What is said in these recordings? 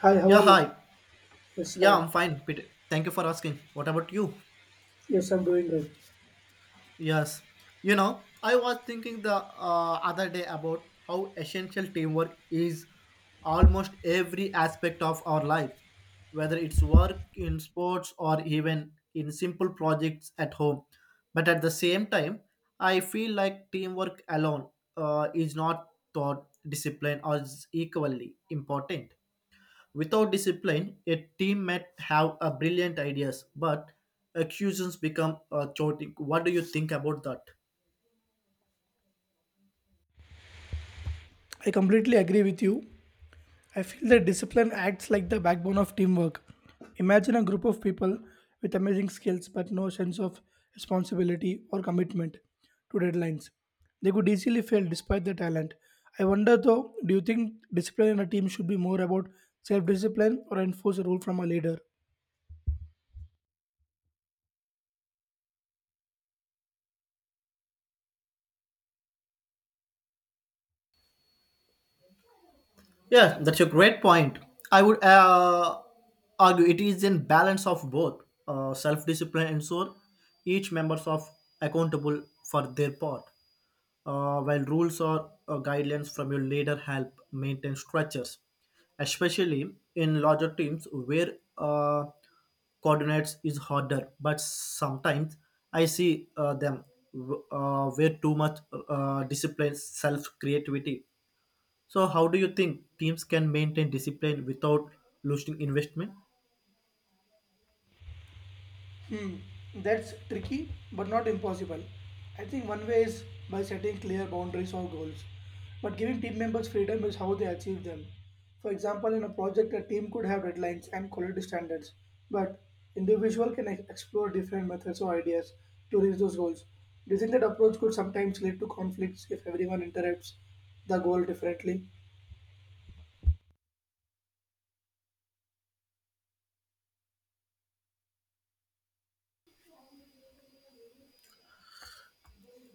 Hi, how Yeah, are you? hi. Yes, Yeah, hi. I'm fine, Peter. Thank you for asking. What about you? Yes, I'm doing good. Yes. You know, I was thinking the other day about how essential teamwork is almost every aspect of our lives, whether it's work in sports or even in simple projects at home. But at the same time, I feel like teamwork alone is not thought discipline or is equally important. Without discipline, a team might have a brilliant ideas, but accusations become chaotic. What do you think about that? I completely agree with you. I feel that discipline acts like the backbone of teamwork. Imagine a group of people with amazing skills but no sense of responsibility or commitment to deadlines. They could easily fail despite their talent. I wonder though, do you think discipline in a team should be more about self discipline or enforce a rule from a leader? Yeah, that's a great point. I would argue it is in balance of both self-discipline and so each members of accountable for their part. While rules or guidelines from your leader help maintain structures, especially in larger teams where coordinates is harder. But sometimes I see them where too much discipline, self creativity. So, how do you think teams can maintain discipline without losing investment? Hmm, that's tricky but not impossible. I think one way is by setting clear boundaries or goals, but giving team members freedom is how they achieve them. For example, in a project, a team could have deadlines and quality standards, but individual can explore different methods or ideas to reach those goals. Do you think that approach could sometimes lead to conflicts if everyone interrupts the goal differently?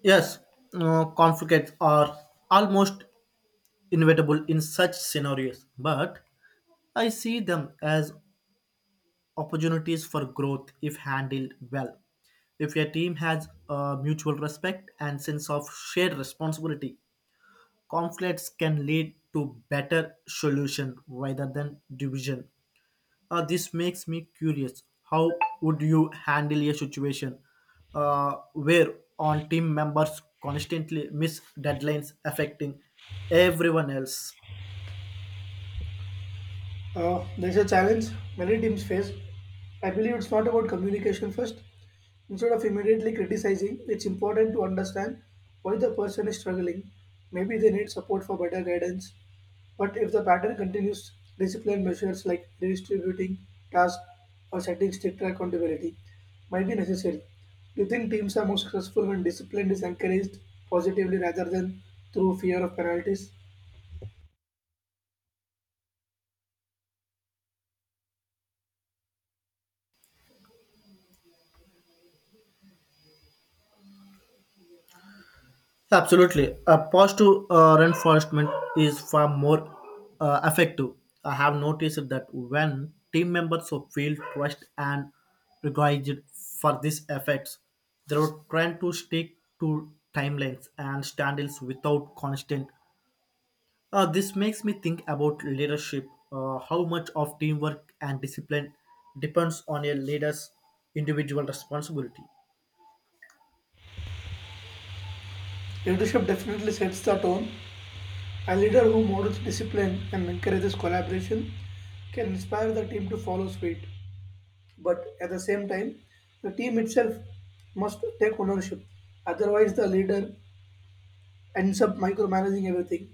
Yes, conflicts are almost inevitable in such scenarios, but I see them as opportunities for growth if handled well. If your team has a mutual respect and sense of shared responsibility, conflicts can lead to better solution rather than division. This makes me curious. How would you handle a situation where on team members constantly miss deadlines affecting everyone else? There's a challenge many teams face. I believe it's not about communication first. Instead of immediately criticizing, it's important to understand why the person is struggling. Maybe they need support for better guidance. But if the pattern continues, discipline measures like redistributing tasks or setting stricter accountability might be necessary. Do you think teams are more successful when discipline is encouraged positively rather than through fear of penalties? Absolutely. A pause to reinforcement is far more effective. I have noticed that when team members so feel trust and recognized for these effects, they are trying to stick to timelines and standards without constant. This makes me think about leadership, how much of teamwork and discipline depends on a leader's individual responsibility. Leadership definitely sets the tone. A leader who models discipline and encourages collaboration can inspire the team to follow suit. But at the same time, the team itself must take ownership. Otherwise, the leader ends up micromanaging everything.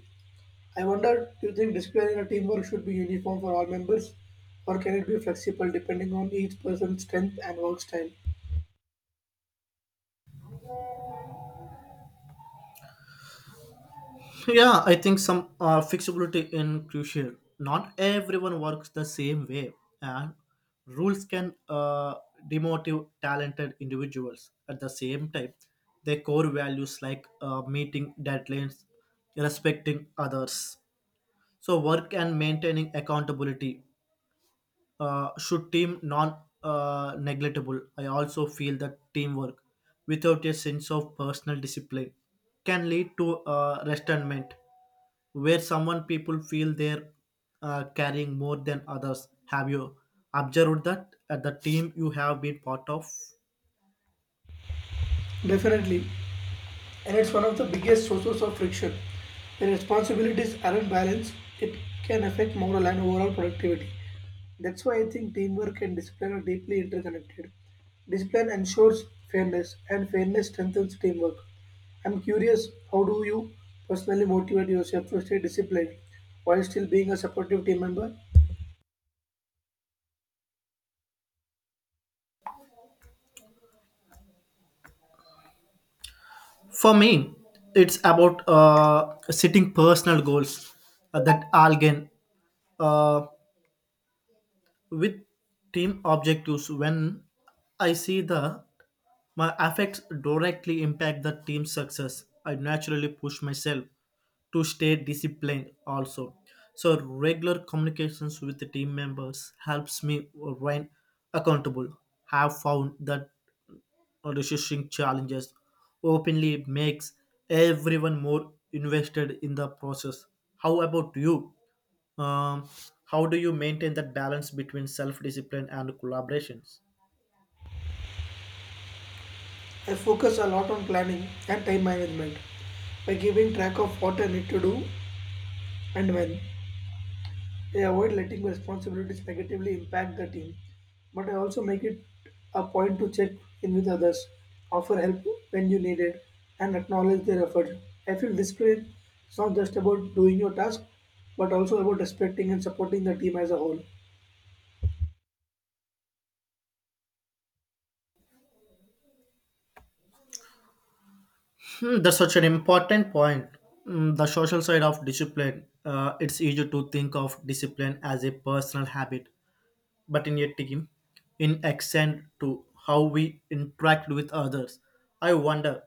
I wonder, do you think discipline in a teamwork should be uniform for all members, or can it be flexible depending on each person's strength and work style? Yeah, I think some flexibility in crucial. Not everyone works the same way, and rules can demotivate talented individuals. At the same time, their core values like meeting deadlines, respecting others, so work and maintaining accountability should team non negligible. I also feel that teamwork without a sense of personal discipline can lead to resentment, where someone people feel they're carrying more than others. Have you observed that at the team you have been part of? Definitely, and it's one of the biggest sources of friction. When responsibilities aren't balanced, it can affect moral and overall productivity. That's why I think teamwork and discipline are deeply interconnected. Discipline ensures fairness, and fairness strengthens teamwork. I'm curious, how do you personally motivate yourself to stay disciplined while still being a supportive team member? For me, it's about setting personal goals that I'll gain. Uh, with team objectives when I see that my affects directly impact the team's success. I naturally push myself to stay disciplined also. So regular communications with the team members helps me remain accountable. Have found that resisting challenges openly makes everyone more invested in the process. How about you? Um, how do you maintain that balance between self discipline and collaborations? I focus a lot on planning and time management by giving track of what I need to do and when. They avoid letting responsibilities negatively impact the team, but I also make it a point to check in with others, offer help when you need it, and acknowledge their effort. I feel discipline is not just about doing your task, but also about respecting and supporting the team as a whole. Hmm, that's such an important point. Mm, the social side of discipline. It's easy to think of discipline as a personal habit, but in a team, in accent to how we interact with others. I wonder,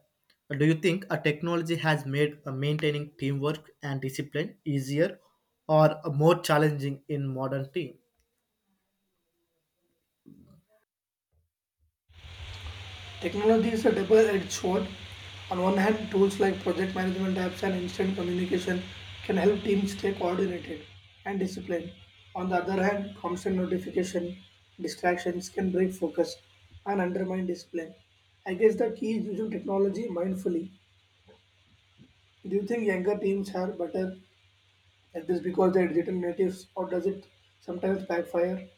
do you think a technology has made maintaining teamwork and discipline easier or more challenging in modern team? Technology is a double-edged sword. On one hand, tools like project management apps and instant communication can help teams stay coordinated and disciplined. On the other hand, constant notification, distractions can break focus and undermine discipline. I guess the key is using technology mindfully. Do you think younger teams are better at this because they're digital natives, or does it sometimes backfire?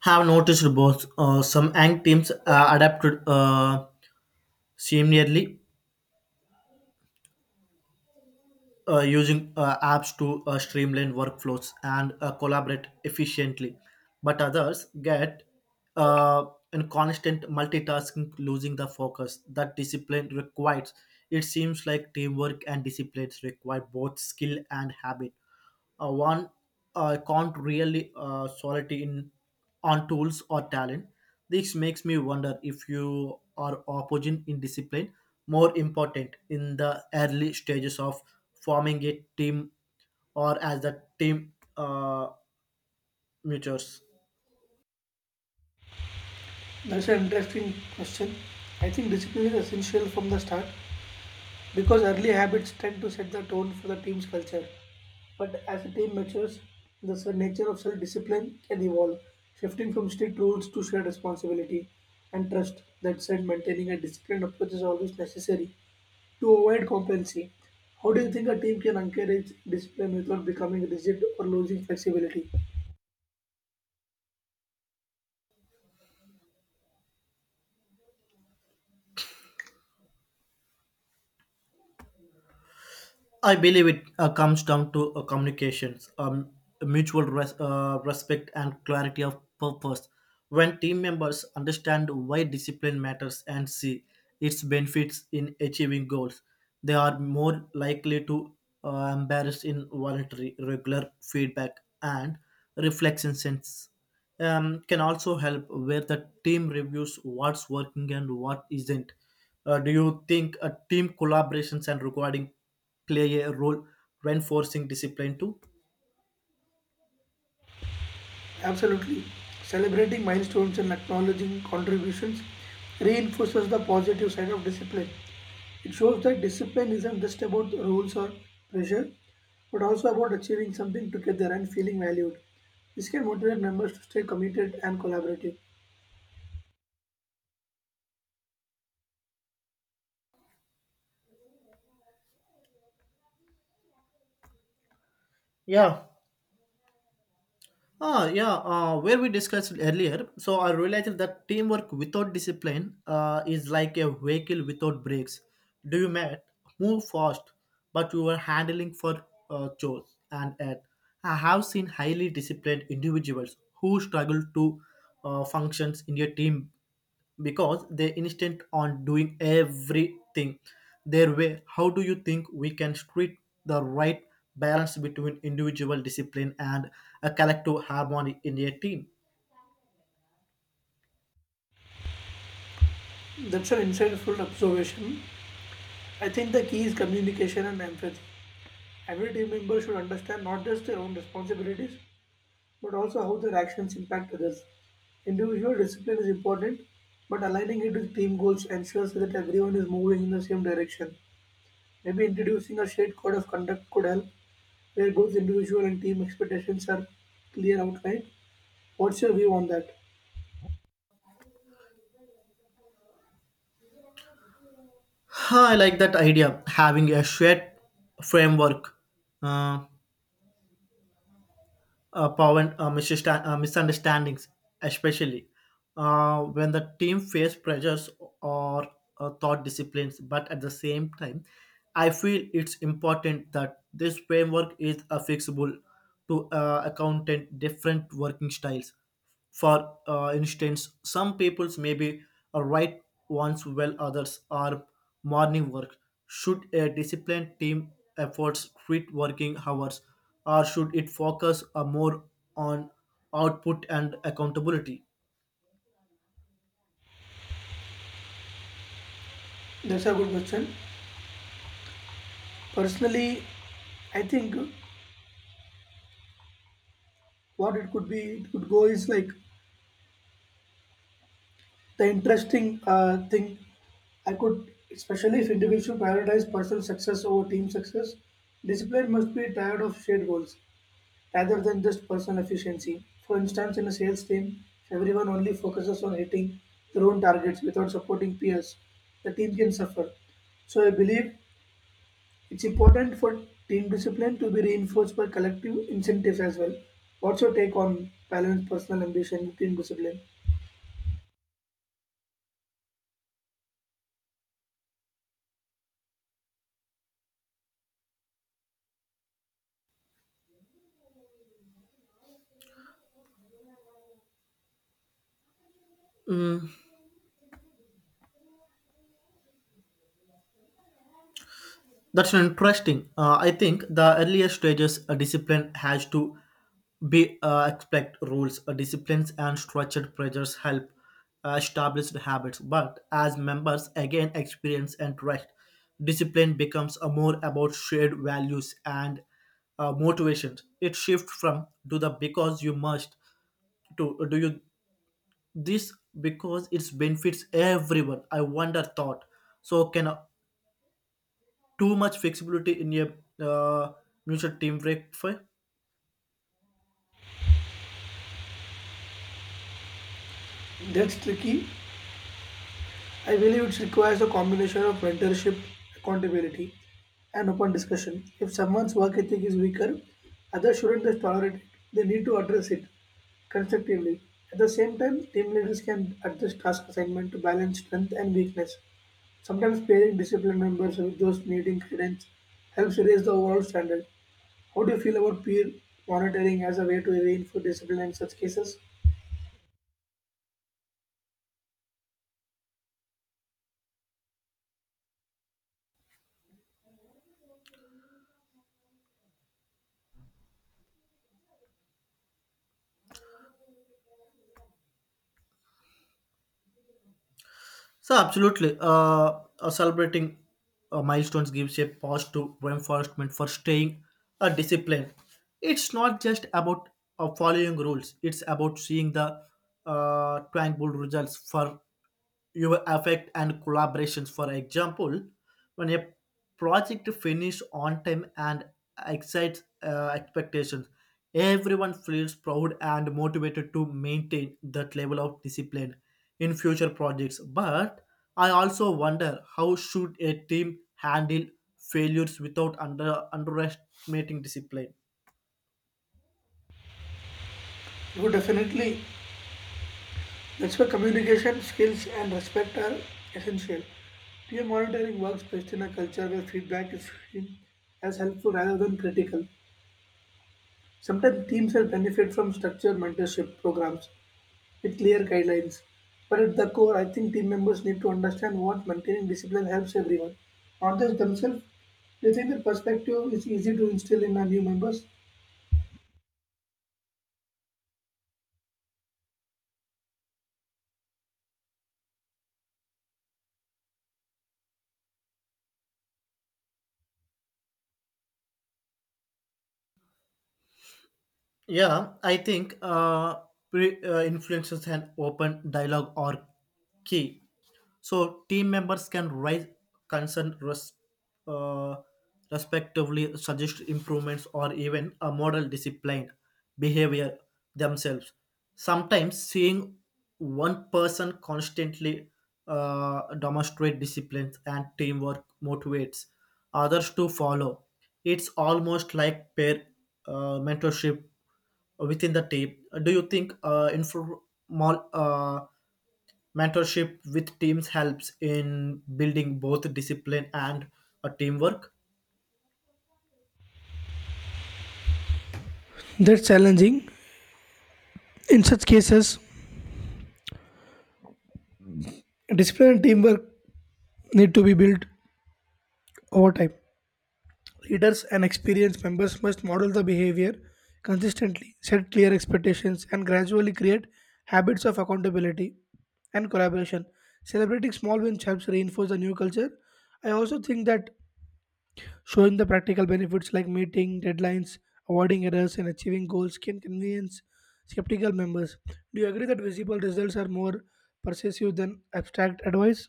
Have noticed both. Some ang teams adapted similarly using apps to streamline workflows and collaborate efficiently. But others get uh, in constant multitasking, losing the focus that discipline requires. It seems like teamwork and disciplines require both skill and habit. One can't really solidity in on tools or talent. This makes me wonder if you are opposing in discipline more important in the early stages of forming a team or as the team matures. That's an interesting question. I think discipline is essential from the start, because early habits tend to set the tone for the team's culture. But as a team matures, the nature of self discipline can evolve, shifting from strict rules to shared responsibility and trust. That said, maintaining a disciplined approach is always necessary to avoid complacency. How do you think a team can encourage discipline without becoming rigid or losing flexibility? I believe it comes down to communications, mutual respect, and clarity of purpose. When team members understand why discipline matters and see its benefits in achieving goals, they are more likely to embrace in voluntary, regular feedback and reflection sense. Can also help where the team reviews what's working and what isn't. Do you think team collaborations and recording play a role reinforcing discipline too? Absolutely. Celebrating milestones and acknowledging contributions reinforces the positive side of discipline. It shows that discipline isn't just about rules or pressure, but also about achieving something together and feeling valued. This can motivate members to stay committed and collaborative. Yeah, yeah, where we discussed earlier. So I realized that teamwork without discipline is like a vehicle without brakes. Do you met move fast, but you are handling for chores and at. I have seen highly disciplined individuals who struggle to functions in a team because they insist on doing everything their way. How do you think we can treat the right balance between individual discipline and a collective harmony in a team? That's an insightful observation. I think the key is communication and empathy. Every team member should understand not just their own responsibilities, but also how their actions impact others. Individual discipline is important, but aligning it with team goals ensures that everyone is moving in the same direction. Maybe introducing a shared code of conduct could help, where both individual and team expectations are clear outlined. What's your view on that? Huh, I like that idea having a shared framework. Uh, Prevent misunderstandings, especially when the team face pressures or thought disciplines. But at the same time, I feel it's important that this framework is fixable to accountant different working styles. For instance, some peoples maybe a right once while others are morning work. Should a disciplined team efforts treat working hours or should it focus more on output and accountability? That's a good question. Personally, I think what it could be, it could go is like the interesting thing I could, especially if individual prioritize personal success over team success, discipline must be tired of shared goals rather than just personal efficiency. For instance, in a sales team, if everyone only focuses on hitting their own targets without supporting peers, the team can suffer. So I believe it's important for team discipline to be reinforced by collective incentives as well. What's your take on balance personal ambition with team discipline? Mm, that's interesting. I think the earlier stages a discipline has to be expect rules, disciplines, and structured pressures help establish the habits. But as members again experience and trust, discipline becomes a more about shared values and motivations. It shifts from do the because you must to do you this because it benefits everyone. I wonder thought. So can too much flexibility in a uh, mutual team break for That's tricky. I believe it requires a combination of mentorship, accountability, and open discussion. If someone's work ethic is weaker, others shouldn't just tolerate it. They need to address it constructively. At the same time, team leaders can adjust task assignment to balance strength and weakness. Sometimes pairing disciplined members with those needing guidance helps raise the overall standard. How do you feel about peer monitoring as a way to reinforce discipline in such cases? so absolutely. Celebrating milestones gives a positive reinforcement for staying a disciplined. It's not just about following rules. It's about seeing the tangible results for your effect and collaborations. For example, when a project finishes on time and excites expectations, everyone feels proud and motivated to maintain that level of discipline in future projects. But I also wonder, how should a team handle failures without under underestimating discipline? Oh, definitely. That's why communication skills and respect are essential. Peer monitoring works best in a culture where feedback is seen as helpful rather than critical. Sometimes teams will benefit from structured mentorship programs with clear guidelines. But at the core, I think team members need to understand what maintaining discipline helps everyone, not just themselves. Do you think that perspective is easy to instill in our new members? Yeah, I think influences and open dialogue are key. So team members can raise concern, uh, respectively, suggest improvements or even a model disciplined behavior themselves. Sometimes seeing one person constantly demonstrate discipline and teamwork motivates others to follow. It's almost like peer mentorship within the team. Do you think informal mentorship with teams helps in building both discipline and teamwork? That's challenging. In such cases, discipline and teamwork need to be built over time. Leaders and experienced members must model the behavior consistently, set clear expectations, and gradually create habits of accountability and collaboration. Celebrating small wins helps reinforce the new culture. I also think that showing the practical benefits like meeting deadlines, avoiding errors, and achieving goals can convince skeptical members. Do you agree that visible results are more persuasive than abstract advice?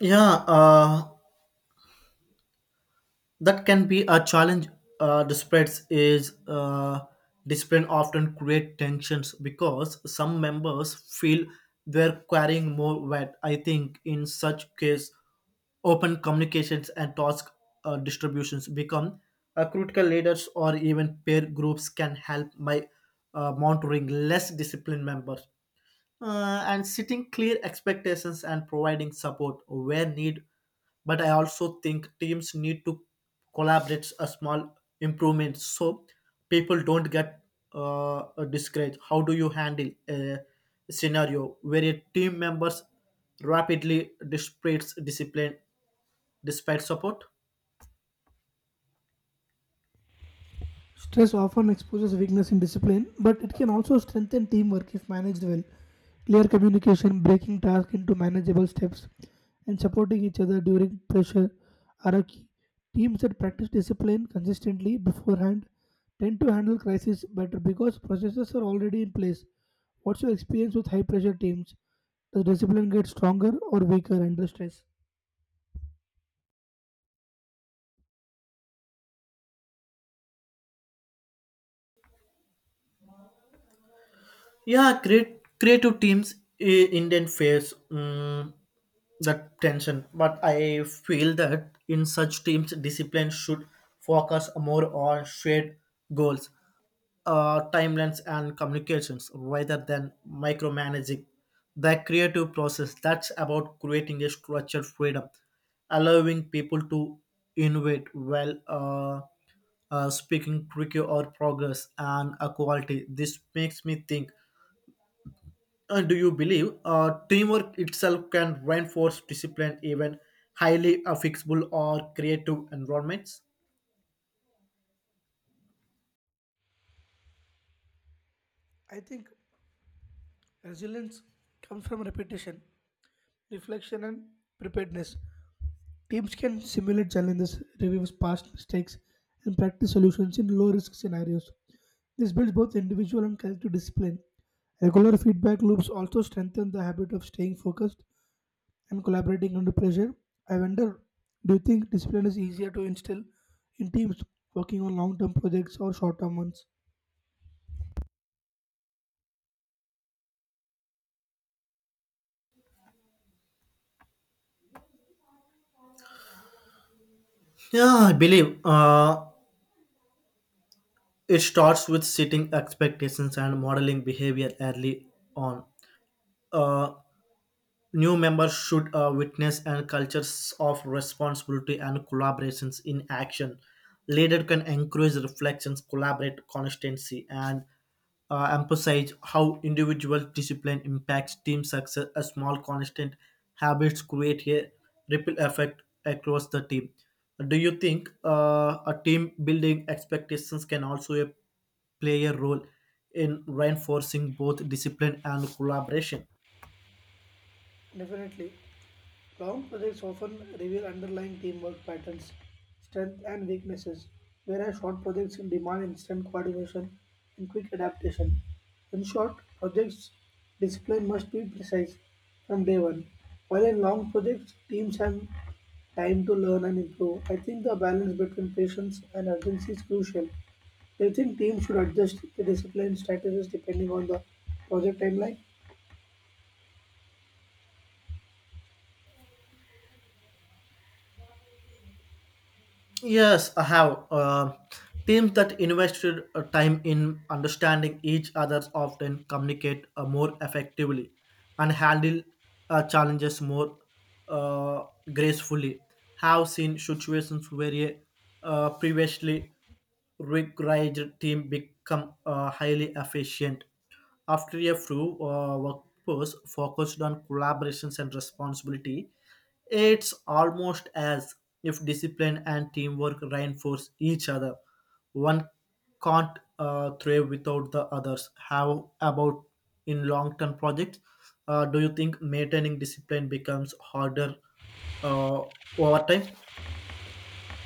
Yeah, that can be a challenge. uh, disputes is uh, Dispute often create tensions because some members feel they're carrying more weight. I think in such case, open communications and task distributions become critical. Leaders or even peer groups can help by monitoring less disciplined members and setting clear expectations and providing support where need. But I also think teams need to collaborate a small improvement so people don't get uh, discouraged. How do you handle a scenario where a team members rapidly displays discipline despite support? Stress often exposes weakness in discipline, but it can also strengthen teamwork if managed well. Clear communication, breaking tasks into manageable steps, and supporting each other during pressure are a key. Teams that practice discipline consistently beforehand tend to handle crises better because processes are already in place. What's your experience with high pressure teams? Does discipline get stronger or weaker under stress? Yeah, great creative teams Indian face, mm, the tension, but I feel that in such teams, discipline should focus more on shared goals, timelines, and communications rather than micromanaging the creative process. That's about creating a structured freedom, allowing people to innovate while speaking tricky or progress and equality. This makes me think, and do you believe teamwork itself can reinforce discipline even highly affixable or creative environments? I think resilience comes from repetition, reflection, and preparedness. Teams can simulate challenges, review past mistakes, and practice solutions in low risk scenarios. This builds both individual and collective discipline. Regular feedback loops also strengthen the habit of staying focused and collaborating under pressure. I wonder, do you think discipline is easier to instill in teams working on long term projects or short term ones? Yeah, I believe it starts with setting expectations and modeling behavior early on. Uh, New members should witness and cultures of responsibility and collaborations in action. Leader can encourage reflections, collaborate constancy, and emphasize how individual discipline impacts team success. A small constant habits create a ripple effect across the team. Do you think a team building expectations can also play a role in reinforcing both discipline and collaboration? Definitely. Long projects often reveal underlying teamwork patterns, strengths, and weaknesses, whereas short projects demand instant coordination and quick adaptation. In short, projects' discipline must be precise from day one, while in long projects, teams have time to learn and improve. I think the balance between patience and urgency is crucial. Do you think teams should adjust the discipline strategies depending on the project timeline? Yes, I have. Teams that invested time in understanding each other often communicate more effectively and handle challenges more uh, gracefully. Have seen situations where a previously rigged team become highly efficient. After a few workforce focused on collaborations and responsibility, it's almost as if discipline and teamwork reinforce each other. One can't thrive without the others. How about in long term projects? Do you think maintaining discipline becomes harder uh, over time?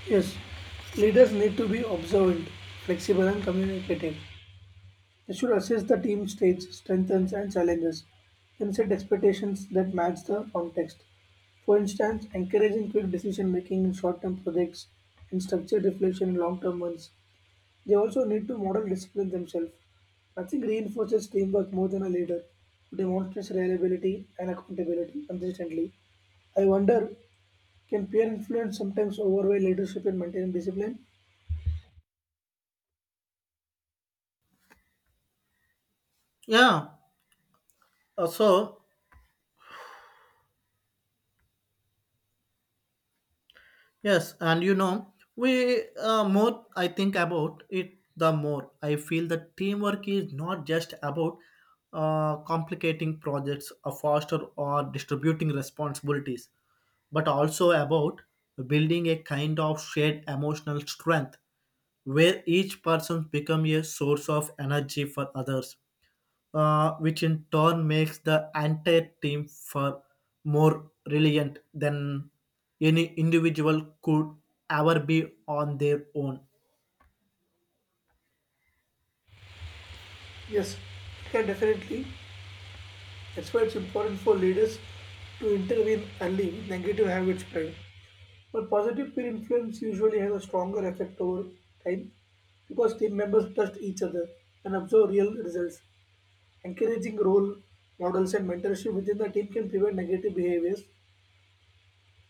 Yes, leaders need to be observant, flexible, and communicative. They should assess the team's strengths, and challenges, then set expectations that match the context. For instance, encouraging quick decision making in short term projects and structured reflection in long term ones. They also need to model discipline themselves. Nothing reinforces teamwork more than a leader who demonstrates reliability and accountability consistently. I wonder, can peer influence sometimes overweigh leadership in maintaining discipline? Yeah. Uh, so Yes, and you know, we, more I think about it, the more I feel that teamwork is not just about complicating projects or faster or distributing responsibilities, but also about building a kind of shared emotional strength where each person becomes a source of energy for others, which in turn makes the entire team far more resilient than any individual could ever be on their own. Yes, yeah, definitely. That's why it's important for leaders to intervene early with negative habits spread. But positive peer influence usually has a stronger effect over time because team members trust each other and observe real results. Encouraging role models and mentorship within the team can prevent negative behaviors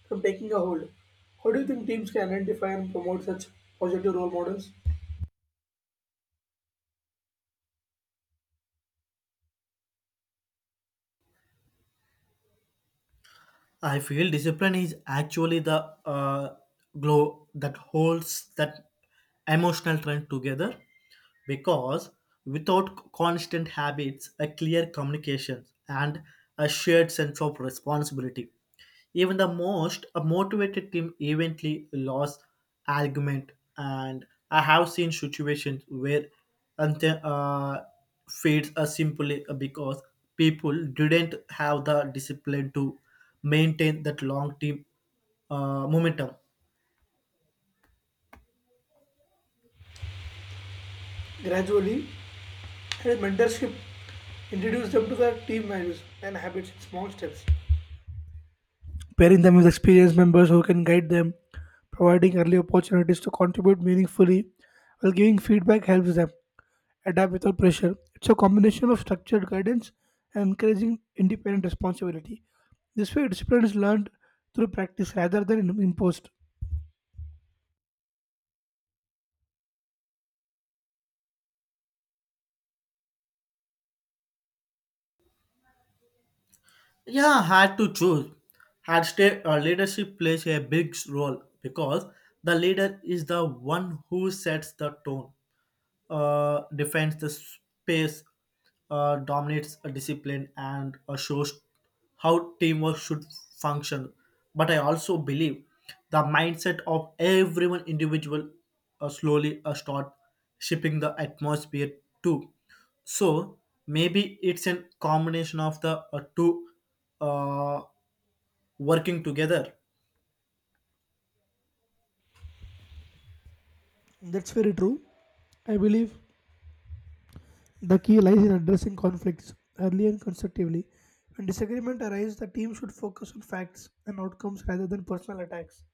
from taking a hold. How do you think teams can identify and promote such positive role models? I feel discipline is actually the glow that holds that emotional trend together, because without constant habits, a clear communication, and a shared sense of responsibility, even the most a motivated team eventually lost argument. And I have seen situations where ante fades are simply because people didn't have the discipline to maintain that long team momentum. Gradually, and mentorship introduce them to their team values and habits in small steps, pairing them with experienced members who can guide them, providing early opportunities to contribute meaningfully while giving feedback helps them adapt without pressure. It's a combination of structured guidance and encouraging independent responsibility. This way, discipline is learned through practice rather than imposed. Yeah, had to choose. Had stay, leadership plays a big role because the leader is the one who sets the tone, defines the space, dominates a discipline, and shows how teamwork should function. But I also believe the mindset of everyone individual slowly start shaping the atmosphere too, so maybe it's a combination of the two uh, working together. That's very true. I believe the key lies in addressing conflicts early and constructively. When disagreement arises, the team should focus on facts and outcomes rather than personal attacks.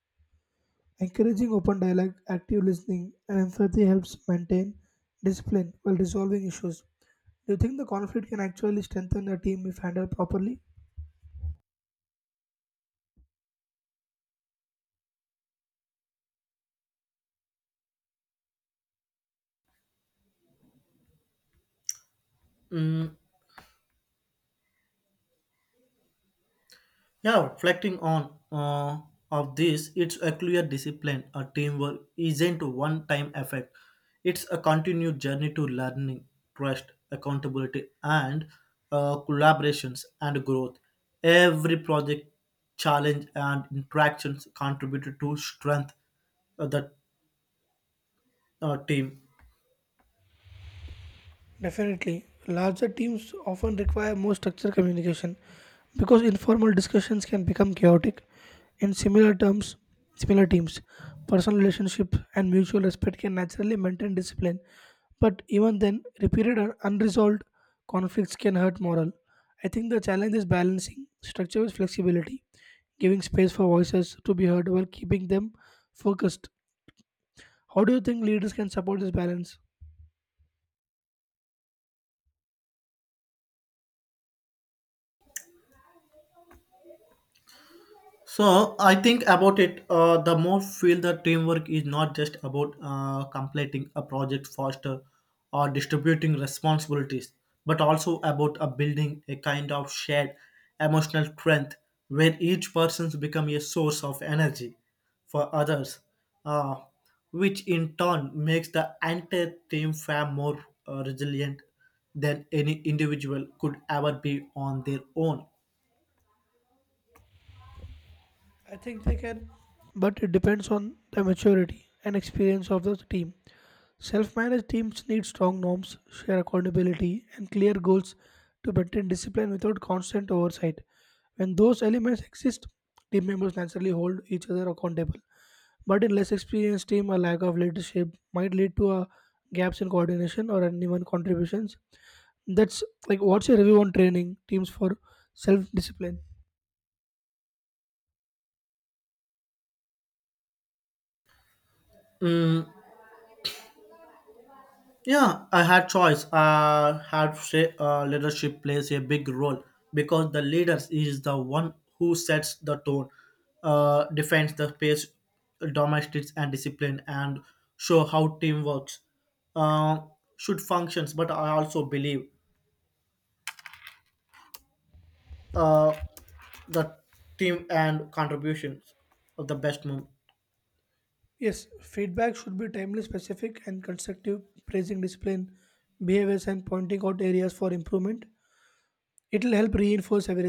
Encouraging open dialogue, active listening, and empathy helps maintain discipline while resolving issues. Do you think the conflict can actually strengthen a team if handled properly? Mm, yeah, reflecting on of this, it's a clear discipline a teamwork isn't one time effect. It's a continued journey to learning, trust, accountability, and collaborations and growth. Every project, challenge and interactions contributed to strength of the team. Definitely, larger teams often require more structured communication because informal discussions can become chaotic. In similar teams, personal relationship and mutual respect can naturally maintain discipline, but even then, repeated and unresolved conflicts can hurt morale. I think the challenge is balancing structure with flexibility, giving space for voices to be heard while keeping them focused. How do you think leaders can support this balance? So I think about it. The more feel that teamwork is not just about completing a project faster or distributing responsibilities, but also about building a kind of shared emotional strength where each person's become a source of energy for others, uh, which in turn makes the entire team far more resilient than any individual could ever be on their own. I think they can, but it depends on the maturity and experience of the team. Self managed teams need strong norms, share accountability, and clear goals to maintain discipline without constant oversight. When those elements exist, team members naturally hold each other accountable. But in less experienced team, a lack of leadership might lead to a gaps in coordination or uneven contributions. That's like what's your review on training teams for self discipline? Mm, yeah, I had choice. I had say leadership plays a big role because the leaders is the one who sets the tone, defends the pace, domestics and discipline, and show how team works, uh, should functions. But I also believe uh, the team and contributions of the best move. Yes, feedback should be timely, specific, and constructive, praising discipline, behaviors, and pointing out areas for improvement. It will help reinforce everything.